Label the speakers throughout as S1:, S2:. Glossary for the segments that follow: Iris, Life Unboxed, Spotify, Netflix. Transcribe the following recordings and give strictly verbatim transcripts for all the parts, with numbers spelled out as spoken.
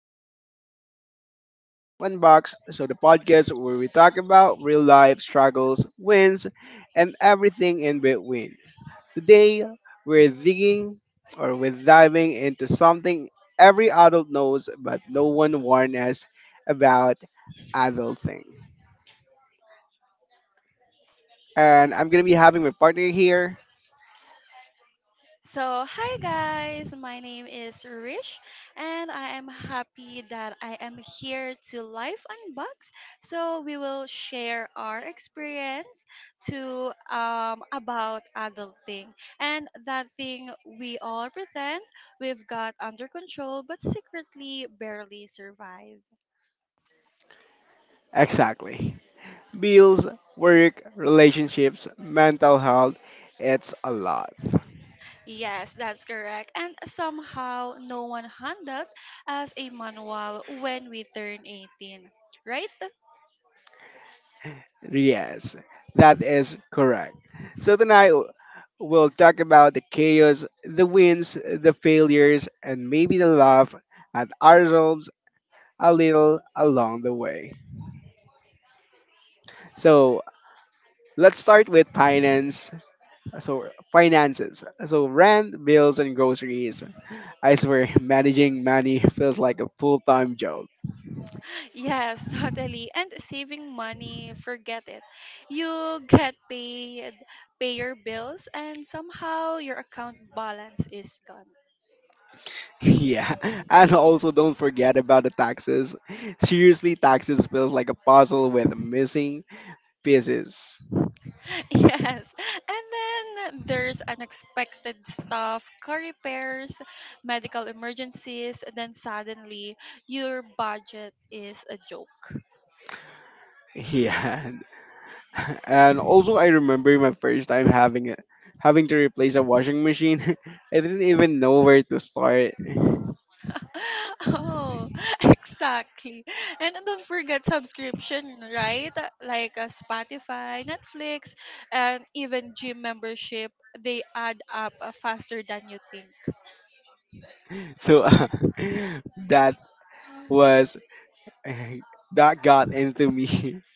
S1: to a brand new episode of Life Unboxed, so the podcast where we talk about real life struggles, wins, and everything in between. Today, we're digging or we're diving into something every adult knows but no one warned us about adulting. And I'm going to be having my partner here.
S2: So, hi guys, my name is Rish, and I am happy that I am here to live unbox. So, we will share our experience to um, about adulting and that thing we all pretend we've got under control but secretly barely survive.
S1: Exactly. Bills, work, relationships, mental health, it's a lot.
S2: Yes, that's correct. And somehow, no one handed us a manual when we turn eighteen, right?
S1: Yes, that is correct. So tonight we'll talk about the chaos, the wins, the failures, and maybe the laugh at ourselves a little along the way. So let's start with finance. So finances. So rent, bills, and groceries. I swear, managing money feels like a full-time job.
S2: Yes, totally. And saving money, forget it. You get paid, pay your bills, and somehow your account balance is gone.
S1: Yeah, and also don't forget about the taxes. Seriously, taxes feels like a puzzle with missing pieces.
S2: Yes. And then there's unexpected stuff, car repairs, medical emergencies, and then suddenly your budget is a joke.
S1: Yeah, and also I remember my first time having it, having to replace a washing machine. I didn't even know where to start,
S2: Oh, exactly. And don't forget subscription, right? Like uh, Spotify, Netflix, and even gym membership, they add up uh, faster than you think.
S1: so uh, that was that got into me.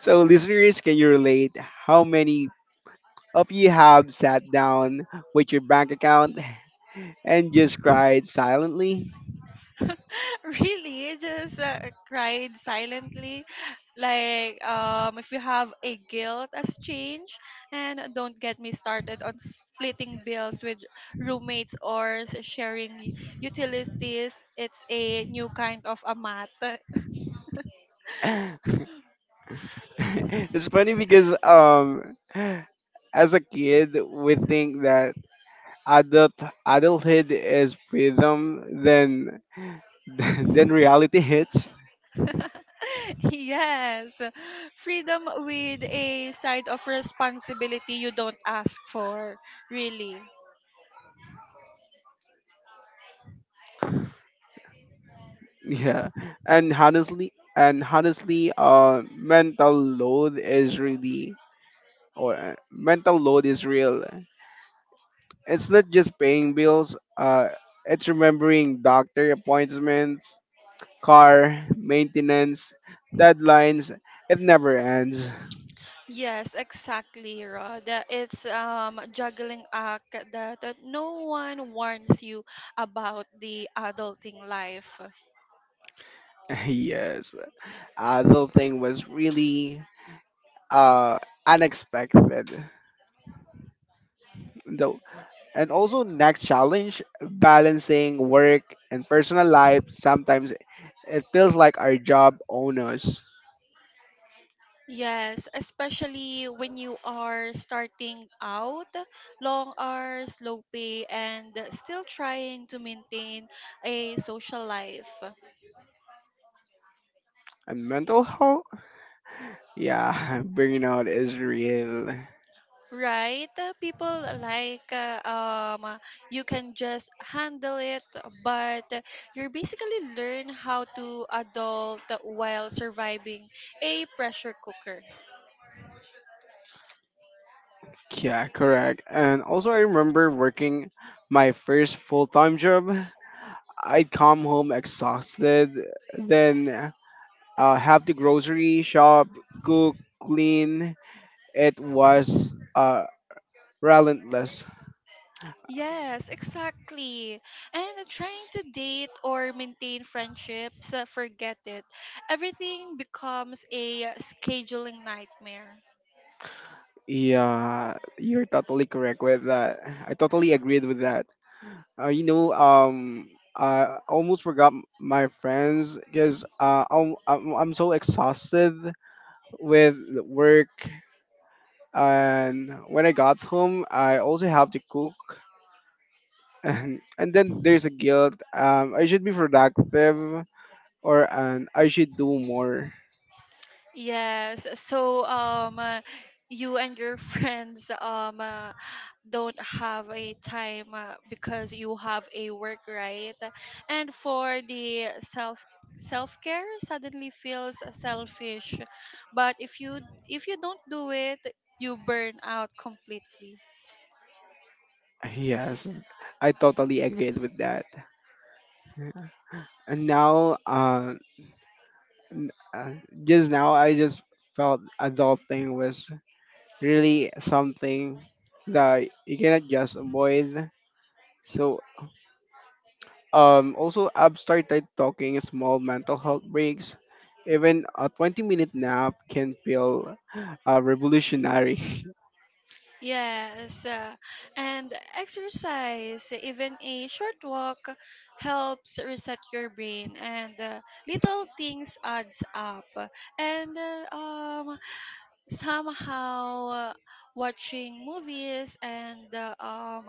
S1: So listeners, can you relate? How many of you have sat down with your bank account and just cried silently?
S2: Really just uh, cried silently, like um if you have a guilt as change. And don't get me started on splitting bills with roommates or s- sharing u- utilities. It's a new kind of a mat.
S1: It's funny because um as a kid we think that adult adulthood is freedom, then then reality hits.
S2: Yes, freedom with a side of responsibility you don't ask for, really.
S1: Yeah, and honestly, and honestly, uh, mental load is really or uh, mental load is real. It's not just paying bills. Uh, it's remembering doctor appointments, car maintenance, deadlines. It never ends.
S2: Yes, exactly, Rod. Uh, It's um juggling act that, that no one warns you about the adulting life.
S1: Yes, adult thing was really uh unexpected. Though. And also next challenge, balancing work and personal life. Sometimes it feels like our job own us.
S2: Yes, especially when you are starting out, long hours, low pay, and still trying to maintain a social life.
S1: And mental health? Yeah, burnout is real.
S2: Right? Uh, People like uh, um, uh, you can just handle it, but you're basically learn how to adult while surviving a pressure cooker.
S1: Yeah, correct. And also I remember working my first full-time job. I'd come home exhausted, then uh, have the grocery shop, cook, clean. It was uh, relentless.
S2: Yes, exactly. And trying to date or maintain friendships, uh, forget it. Everything becomes a scheduling nightmare.
S1: Yeah, you're totally correct with that. I totally agreed with that. Uh, you know, um, I almost forgot m- my friends because uh, I'm, I'm I'm so exhausted with work, and when I got home, I also have to cook, and and then there's a guilt. Um, I should be productive, or and I should do more.
S2: Yes. So um uh, you and your friends um uh, don't have a time uh, because you have a work, right? And for the self self-care suddenly feels selfish. But if you if you don't do it, you burn out completely.
S1: Yes, I totally agreed with that. And now, uh, n- uh, just now I just felt adulting was really something that you cannot just avoid. So um also I've started talking small mental health breaks. Even a 20 minute nap can feel uh, revolutionary.
S2: Yes, uh, and exercise, even a short walk, helps reset your brain, and uh, little things adds up. And uh, um, somehow, uh, watching movies and uh, um,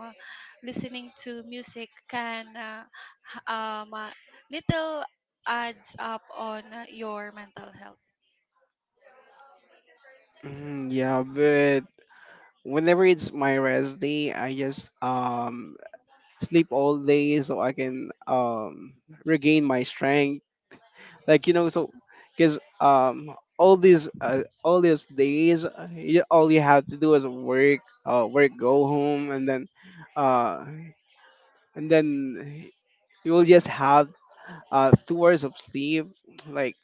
S2: listening to music can uh, h- um, uh, little adds up on uh, your mental health.
S1: Mm, yeah, but whenever it's my rest day, I just um sleep all day so I can um regain my strength. Like, you know so because um all these uh, all these days, uh, you, all you have to do is work uh work, go home, and then uh and then you will just have uh two hours of sleep. Like,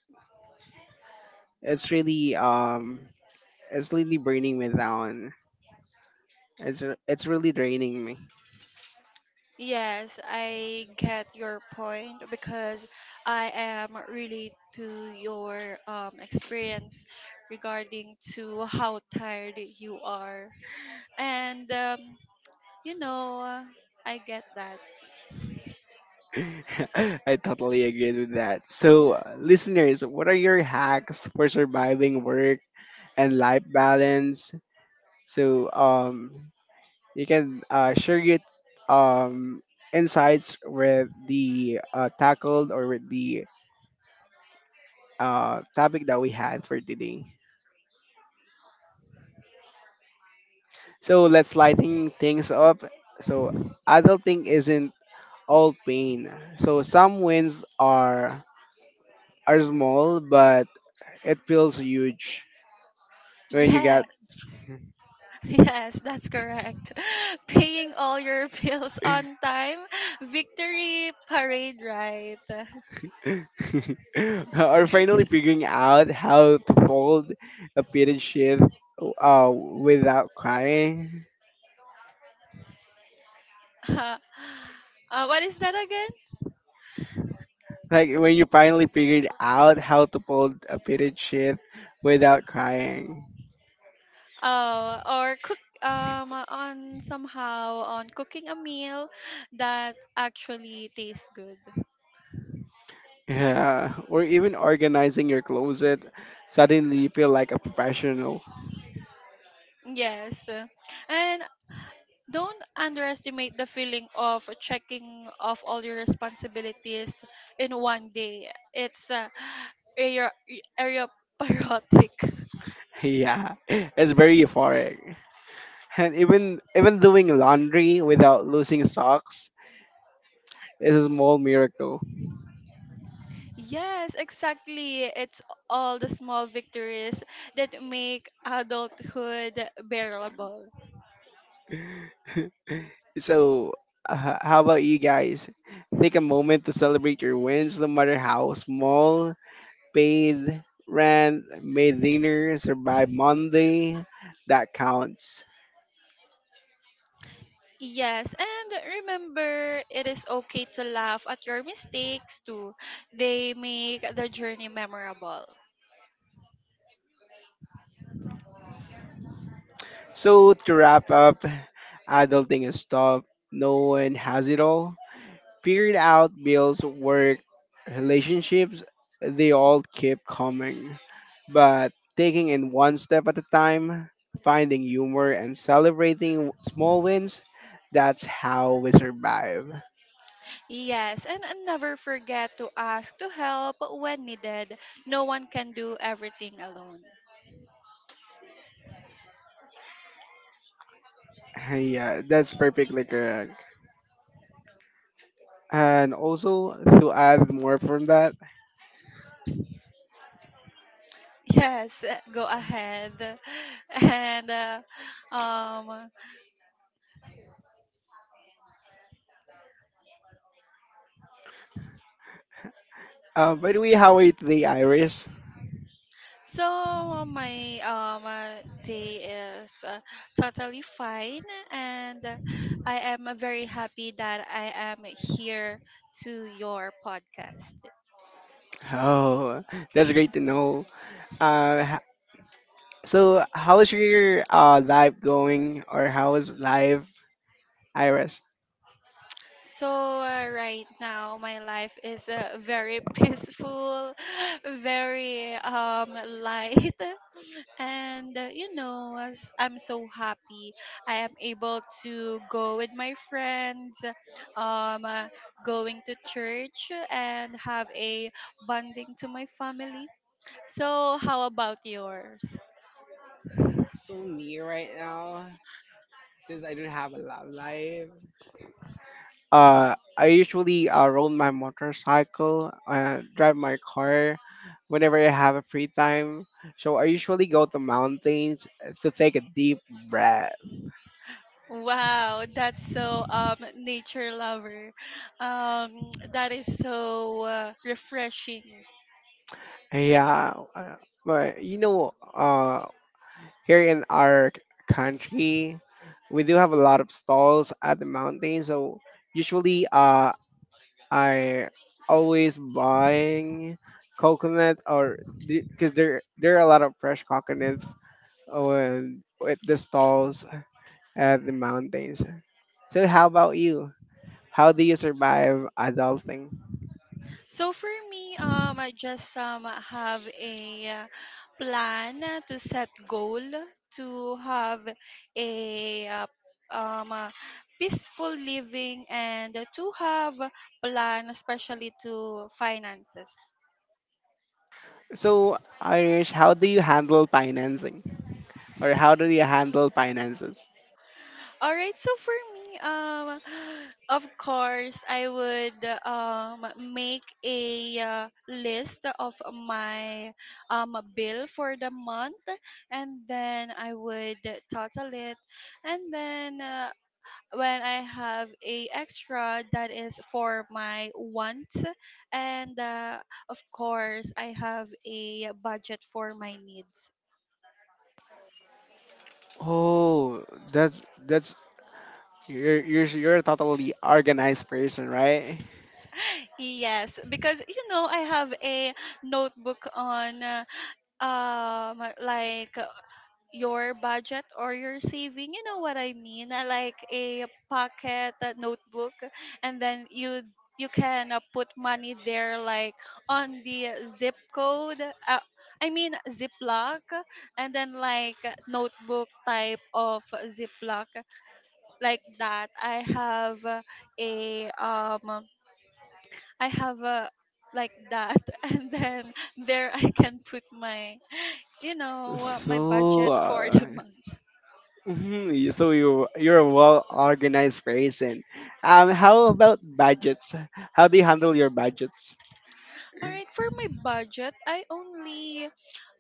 S1: it's really um it's really burning me down. It's r- it's really draining me.
S2: Yes, I get your point because I am really to your um, experience regarding to how tired you are. And um, you know, uh, I get that.
S1: I totally agree with that. So uh, listeners, what are your hacks for surviving work and life balance? So um you can uh, share your um, insights with the uh, tackled or with the uh, topic that we had for today. So let's lighten things up. So adulting isn't all pain. So some wins are are small, but it feels huge when you
S2: Yes.
S1: get
S2: Yes, that's correct. Paying all your bills on time. Victory parade, right?
S1: or finally figuring out how to fold a period sheath uh, without crying.
S2: uh, what is that?
S1: Like when you finally figured out how to fold a fitted sheet without crying.
S2: Uh, or cook um uh, on somehow on cooking a meal that actually tastes good.
S1: Yeah. Or even organizing your closet, suddenly you feel like a professional.
S2: Yes. And don't underestimate the feeling of checking off all your responsibilities in one day. It's uh, area area patriotic.
S1: Yeah. It's very euphoric. And even even doing laundry without losing socks is a small miracle.
S2: Yes, exactly. It's all the small victories that make adulthood bearable.
S1: So uh, how about you guys? Take a moment to celebrate your wins, no matter how small. Paid rent, made dinner, survived Monday. That counts.
S2: Yes, and remember, it is okay to laugh at your mistakes too. They make the journey memorable.
S1: So to wrap up, adulting is tough. No one has it all. Figured out bills, work, relationships, they all keep coming. But taking it one step at a time, finding humor and celebrating small wins, that's how we survive.
S2: Yes, and never forget to ask to help when needed. No one can do everything alone.
S1: Yeah, that's perfectly correct. And also to add more from that,
S2: Yes, go ahead. And uh, um,
S1: uh, by the way, how are you today, Iris?
S2: So uh, my um uh, day is uh, totally fine, and uh, I am uh, very happy that I am here to your podcast.
S1: Oh, that's great to know. Uh, h- so how's your uh life going, or how is life, Iris?
S2: So uh, right now my life is uh, very peaceful, very um light. And uh, you know, i I'm so happy I am able to go with my friends, um, uh, going to church and have a bonding to my family. So, how about yours?
S1: So me right now, since I don't have a love life, Uh, I usually uh, roll my motorcycle, uh, drive my car whenever I have a free time. So I usually go to mountains to take a deep breath.
S2: Wow, that's so um nature lover. Um, that is so uh, refreshing.
S1: Yeah, uh, but you know, uh, here in our c- country, we do have a lot of stalls at the mountain. So usually, uh, I always buying coconut or because there there are a lot of fresh coconuts on at the stalls at the mountains. So how about you? How do you survive adulting?
S2: So for me, um, I just um have a uh, plan uh, to set goal to have a uh, um uh, peaceful living and to have plan, especially to finances.
S1: So Irish, how do you handle financing? Or how do you handle finances?
S2: All right, so for me, um, of course, I would um make a uh, list of my um bill for the month, and then I would total it, and then uh, when I have a extra that is for my wants, and uh, of course, I have a budget for my needs.
S1: Oh, that's that's you're you're you're a totally organized person, right?
S2: Yes, because you know I have a notebook on. Uh, um like uh, your budget or your saving, you know what i mean, uh, like a pocket uh, notebook, and then you you can uh, put money there, like on the zip code, uh, I mean ziploc, and then like uh, notebook type of ziploc, like that i have uh, a um I have a like that and then there i can put my, you know, uh, my
S1: So,
S2: budget for the
S1: uh,
S2: month.
S1: mhm, you- so you you're a well organized person. Um, how about budgets? How do you handle your budgets?
S2: All right, for my budget, I only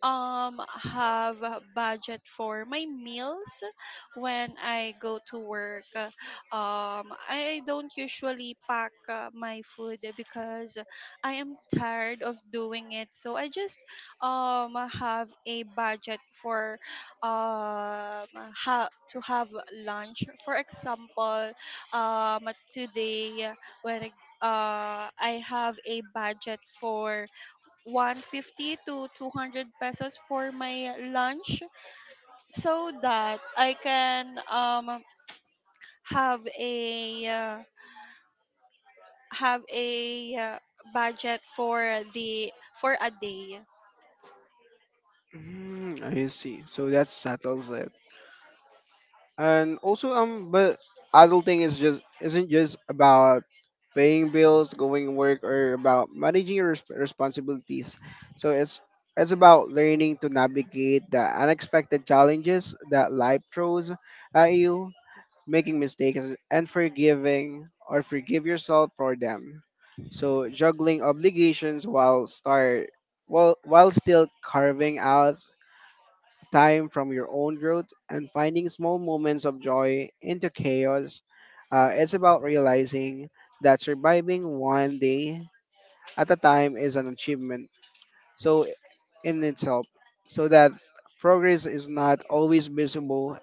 S2: um have a budget for my meals when I go to work. Uh, Um I don't usually pack uh, my food because I am tired of doing it. So I just um have a budget for um ha- to have lunch. For example, um today when I uh, I have a budget for one hundred fifty to two hundred pesos for my lunch so that I can um, have a uh, have a uh, budget for the for a day.
S1: Mm, I see. So that settles it. And also um but adulting is just isn't just about paying bills, going to work, or about managing your resp- responsibilities. So it's it's about learning to navigate the unexpected challenges that life throws at you, making mistakes, and forgiving or forgive yourself for them. So juggling obligations while start while while still carving out time from your own growth and finding small moments of joy into chaos. Uh, it's about realizing that surviving one day at a time is an achievement. So in itself, so that progress is not always visible,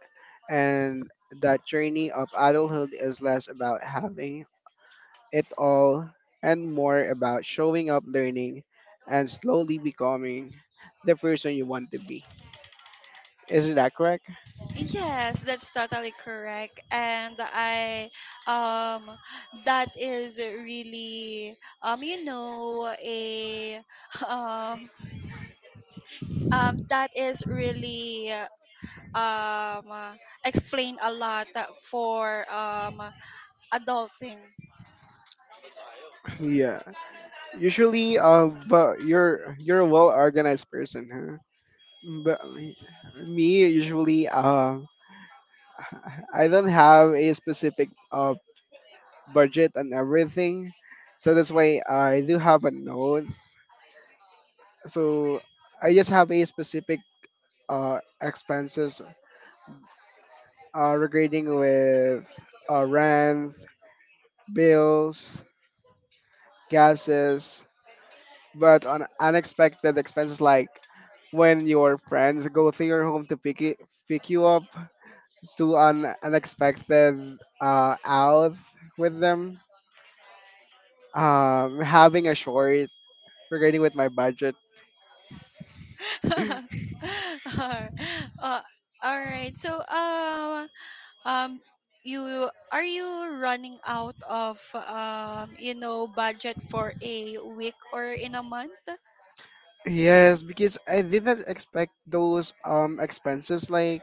S1: and that journey of adulthood is less about having it all and more about showing up, learning, and slowly becoming the person you want to be. Isn't that correct?
S2: Yes, that's totally correct, and I um that is really um you know a um um that is really um uh, explain a lot uh, for um uh, adulting.
S1: Yeah. Usually, uh, but you're you're a well organized person, huh? But me usually, uh, I don't have a specific uh budget and everything, so that's why I do have a note. So I just have a specific uh expenses uh regarding with uh rent, bills, gases, but on unexpected expenses like when your friends go to your home to pick it, pick you up to an unexpected uh, out with them. Um, having a short regarding with my budget.
S2: uh, all right. So um um you are you running out of um you know budget for a week or in a month?
S1: Yes, because I didn't expect those um expenses. Like,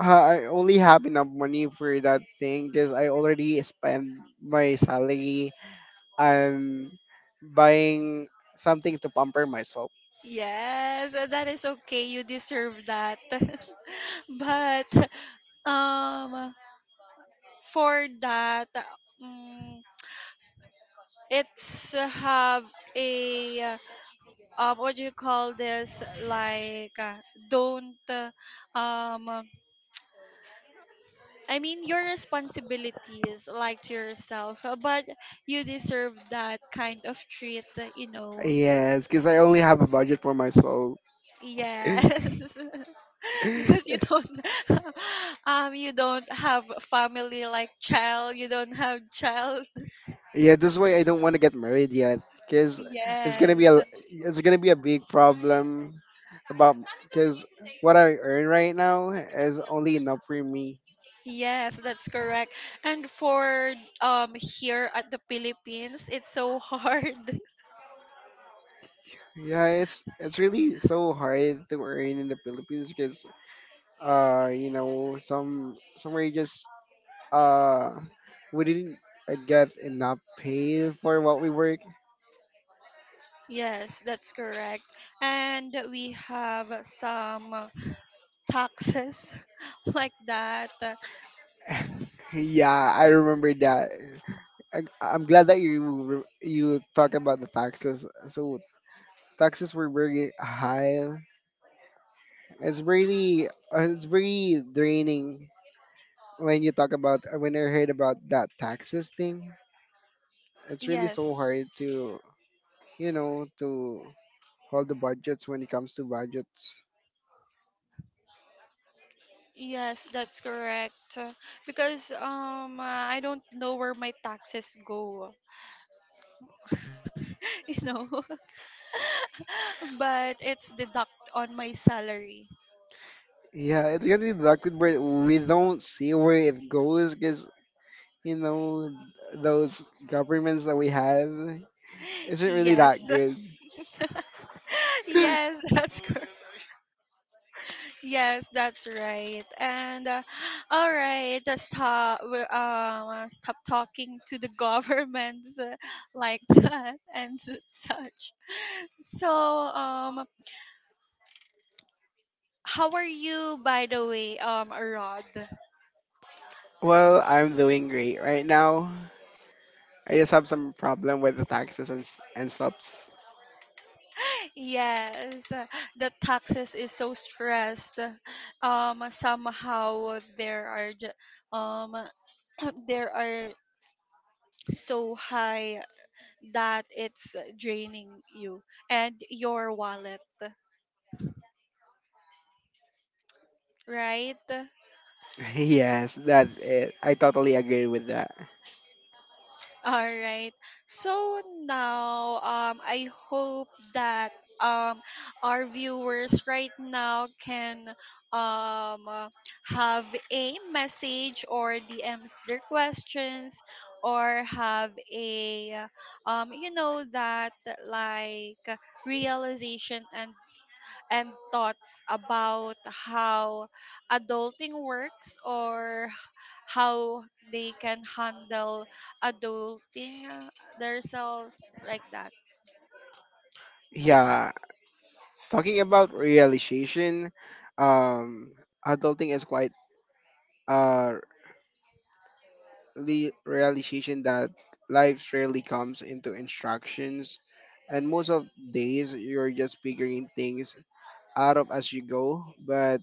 S1: uh, I only have enough money for that thing because I already spent my salary and buying something to pamper myself.
S2: Yes, uh, that is okay. You deserve that. But um for that, um, it's have a uh, um what do you call this, like uh, don't uh, um uh, I mean your responsibilities like to yourself, uh, but you deserve that kind of treat, uh, you know.
S1: Yes, because I only have a budget for my soul. Yeah,
S2: Yes. Because you don't um you don't have family like child, you don't have child.
S1: that's why I don't want to get married yet. Because it's gonna be
S2: Yes.
S1: a it's gonna be a big problem about because what I earn right now is only enough for me.
S2: Yes, that's correct. And for um here at the Philippines it's so hard.
S1: Yeah, it's it's really so hard to earn in the Philippines because uh you know some somewhere you just uh we didn't uh, get enough pay for what we work.
S2: Yes, that's correct. And we have some taxes like that.
S1: Yeah, I remember that. I, I'm glad that you re- you talk about the taxes. So taxes were very high. It's really uh, it's very draining when you talk about when I heard about that taxes thing. It's really so
S2: Yes.
S1: hard to you know to hold the budgets when it comes to budgets.
S2: Yes, that's correct. Because um I don't know where my taxes go, you know. But it's deduct on my salary.
S1: Yeah, it's getting deducted but we don't see where it goes because you know those governments that we have isn't really that
S2: Yes.
S1: good.
S2: Yes, that's correct. Yes, that's right. And uh, all right, let's stop. We- Um, stop talking to the governments uh, like that and s- such. So, um, how are you, by the way, um, Rod?
S1: Well, I'm doing great right now. I just have some problem with the taxes and s- and stuff.
S2: Yes, uh, the taxes is so stressed. Um, somehow there are ju- um, there are so high that it's draining you and your wallet, right?
S1: Yes, that's it. I totally agree with that.
S2: All right. So now, um, I hope that um, our viewers right now can um, uh, have a message or D Ms their questions, or have a, um, you know, that like realization and s- and thoughts about how adulting works or how they can handle adulting uh, themselves, like that.
S1: Yeah, talking about realization, um, adulting is quite uh the realization that life rarely comes into instructions, and most of days you're just figuring things out of as you go. But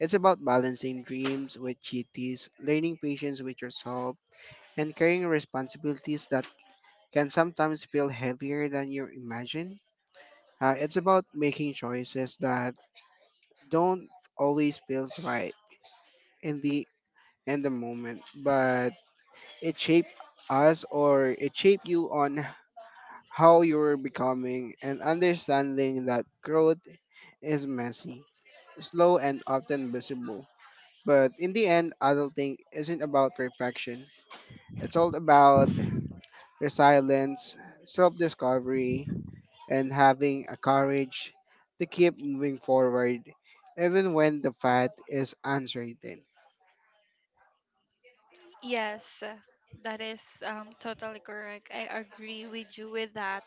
S1: it's about balancing dreams with duties, learning patience with yourself, and carrying responsibilities that can sometimes feel heavier than you imagine. Uh, it's about making choices that don't always feel right in the in the moment, but it shaped us or it shaped you on how you're becoming and understanding that growth is messy, slow, and often visible. But in the end, adulting isn't about perfection. It's all about resilience, self discovery, and having a courage to keep moving forward even when the path is uncertain.
S2: Yes, that is um, totally correct. I agree with you with that.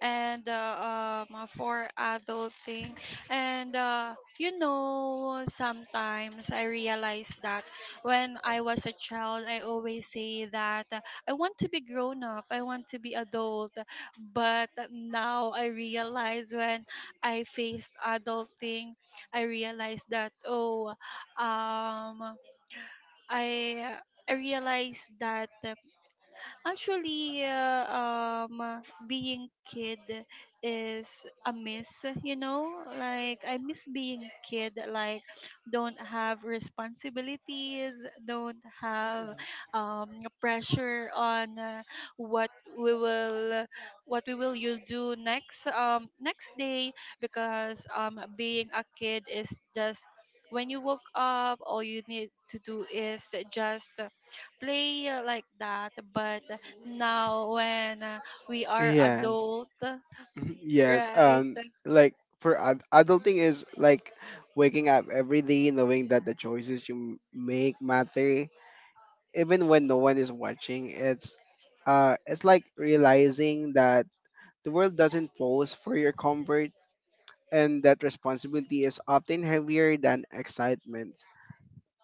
S2: And uh, um, uh, for adulting, and uh, you know, sometimes I realize that when I was a child, I always say that uh, I want to be grown up, I want to be adult. But now I realize when I faced adulting, I realized that, oh, um, I I realized that actually, uh, um, uh, being kid is a miss, you know? Like, I miss being kid. Like, don't have responsibilities, don't have um, pressure on uh, what we will what we will you do next um next day, because um being a kid is just when you woke up all you need to do is just play, uh, like that. But now when uh, we are
S1: Yes.
S2: adult,
S1: Mhm. Yes,
S2: right?
S1: um, like for ad- adulting is like waking up every day knowing that the choices you m- make matter, even when no one is watching. It's uh, it's like realizing that the world doesn't pose for your comfort, and that responsibility is often heavier than excitement.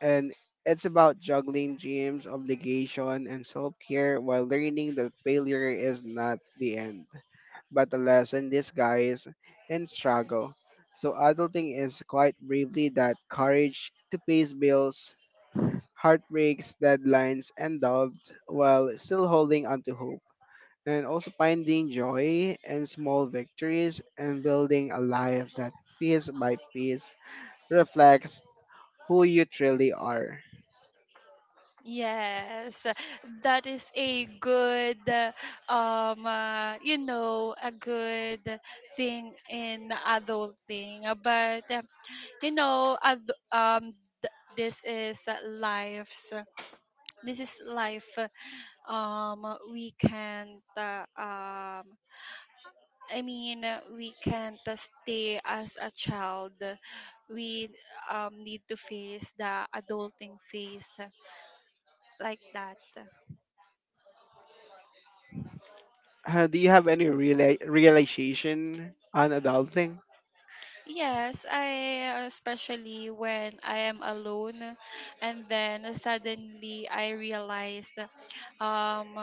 S1: And it's about juggling dreams, obligation, and self care while learning that failure is not the end, but a lesson disguised in struggle. So, adulting is quite briefly that courage to pay bills, heartbreaks, deadlines, and doubt while still holding onto hope and also finding joy and small victories and building a life that piece by piece reflects who you truly are.
S2: Yes, that is a good uh, um uh, you know a good thing in adulting. Uh, but uh, you know, ad- um th- this is uh, life's this is life, uh, um we can't, uh, um I mean, uh, we can't uh, stay as a child. We um, need to face the adulting phase, uh, like that.
S1: Uh, do you have any reala- realization on adulting?
S2: Yes, I especially when I am alone and then suddenly I realized um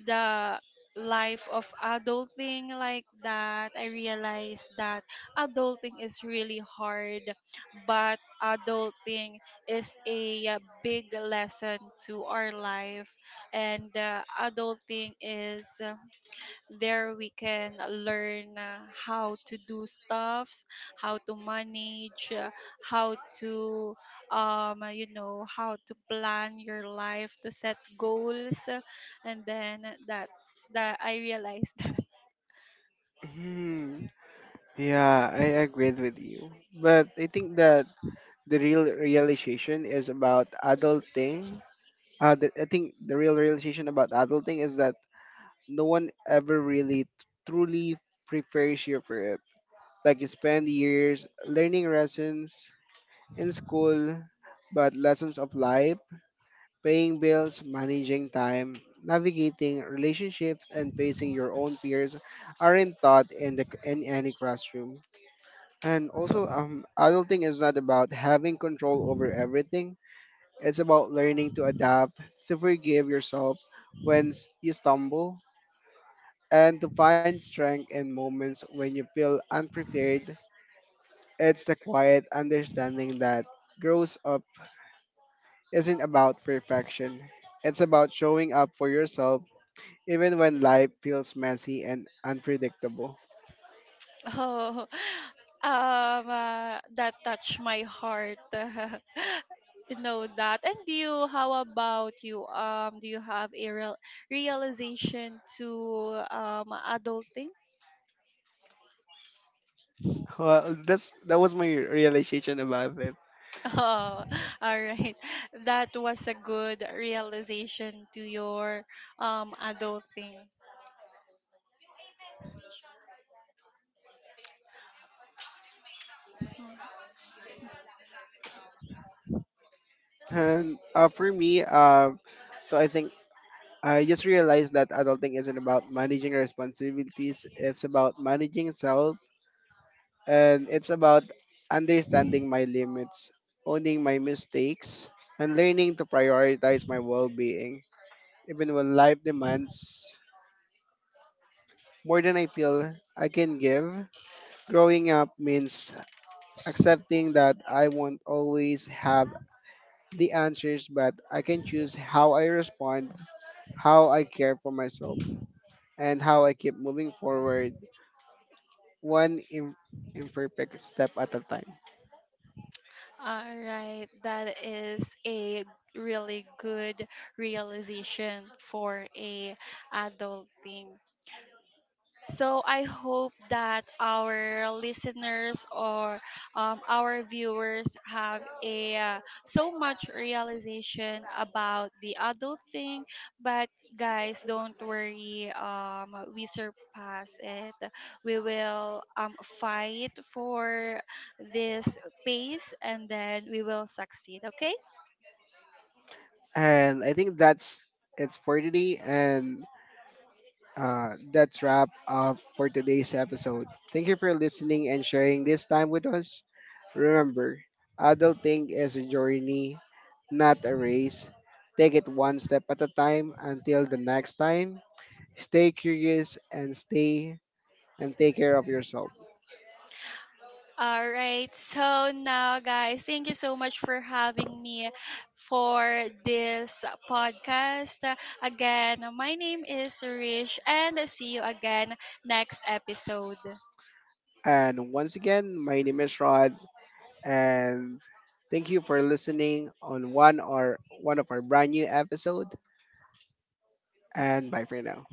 S2: the life of adulting, like that. I realized that adulting is really hard, but adulting is a, uh, big lesson to our life, and uh, adulting is there we can learn uh, how to do stuffs, how to manage, uh, how to um uh, you know, how to plan your life, to set goals. uh, And then that's that I realized that.
S1: Hmm. Yeah, I agree with you. But I think that the real realization is about adulting. Uh, the, I think the real realization about adulting is that no one ever really t- truly prepares you for it. Like you spend years learning lessons in school, but lessons of life, paying bills, managing time, navigating relationships, and facing your own peers aren't taught in, the, in any classroom. And also, um, adulting is not about having control over everything. It's about learning to adapt, to forgive yourself when s- you stumble, and to find strength in moments when you feel unprepared. It's the quiet understanding that grows up isn't about perfection. It's about showing up for yourself even when life feels messy and unpredictable.
S2: Oh, um uh, that touched my heart. To know that. And you, how about you? Um, do you have a real realization to um adulting?
S1: Well, that's that was my realization about it.
S2: Oh, all right. That was a good realization to your um adulting.
S1: And uh, for me, uh, so I think I just realized that adulting isn't about managing responsibilities. It's about managing self and it's about understanding my limits, owning my mistakes, and learning to prioritize my well being. Even when life demands more than I feel I can give, growing up means accepting that I won't always have the answers, but I can choose how I respond, how I care for myself, and how I keep moving forward one im- imperfect step at a time.
S2: All right, that is a really good realization for a adult thing. So I hope that our listeners or, um, our viewers have a uh, so much realization about the adult thing. But guys, don't worry. Um, we surpass it. We will um, fight for this pace, and then we will succeed. Okay.
S1: And I think that's it's for today, and uh, that's wrap up for today's episode. Thank you for listening and sharing this time with us. Remember, adulting is a journey, not a race. Take it one step at a time until the next time. Stay curious and stay and take care of yourself.
S2: All right. So now, guys, thank you so much for having me for this podcast. Again, my name is Rish, and see you again next episode.
S1: And once again, my name is Rod, and thank you for listening on one or one of our brand new episode. And bye for now.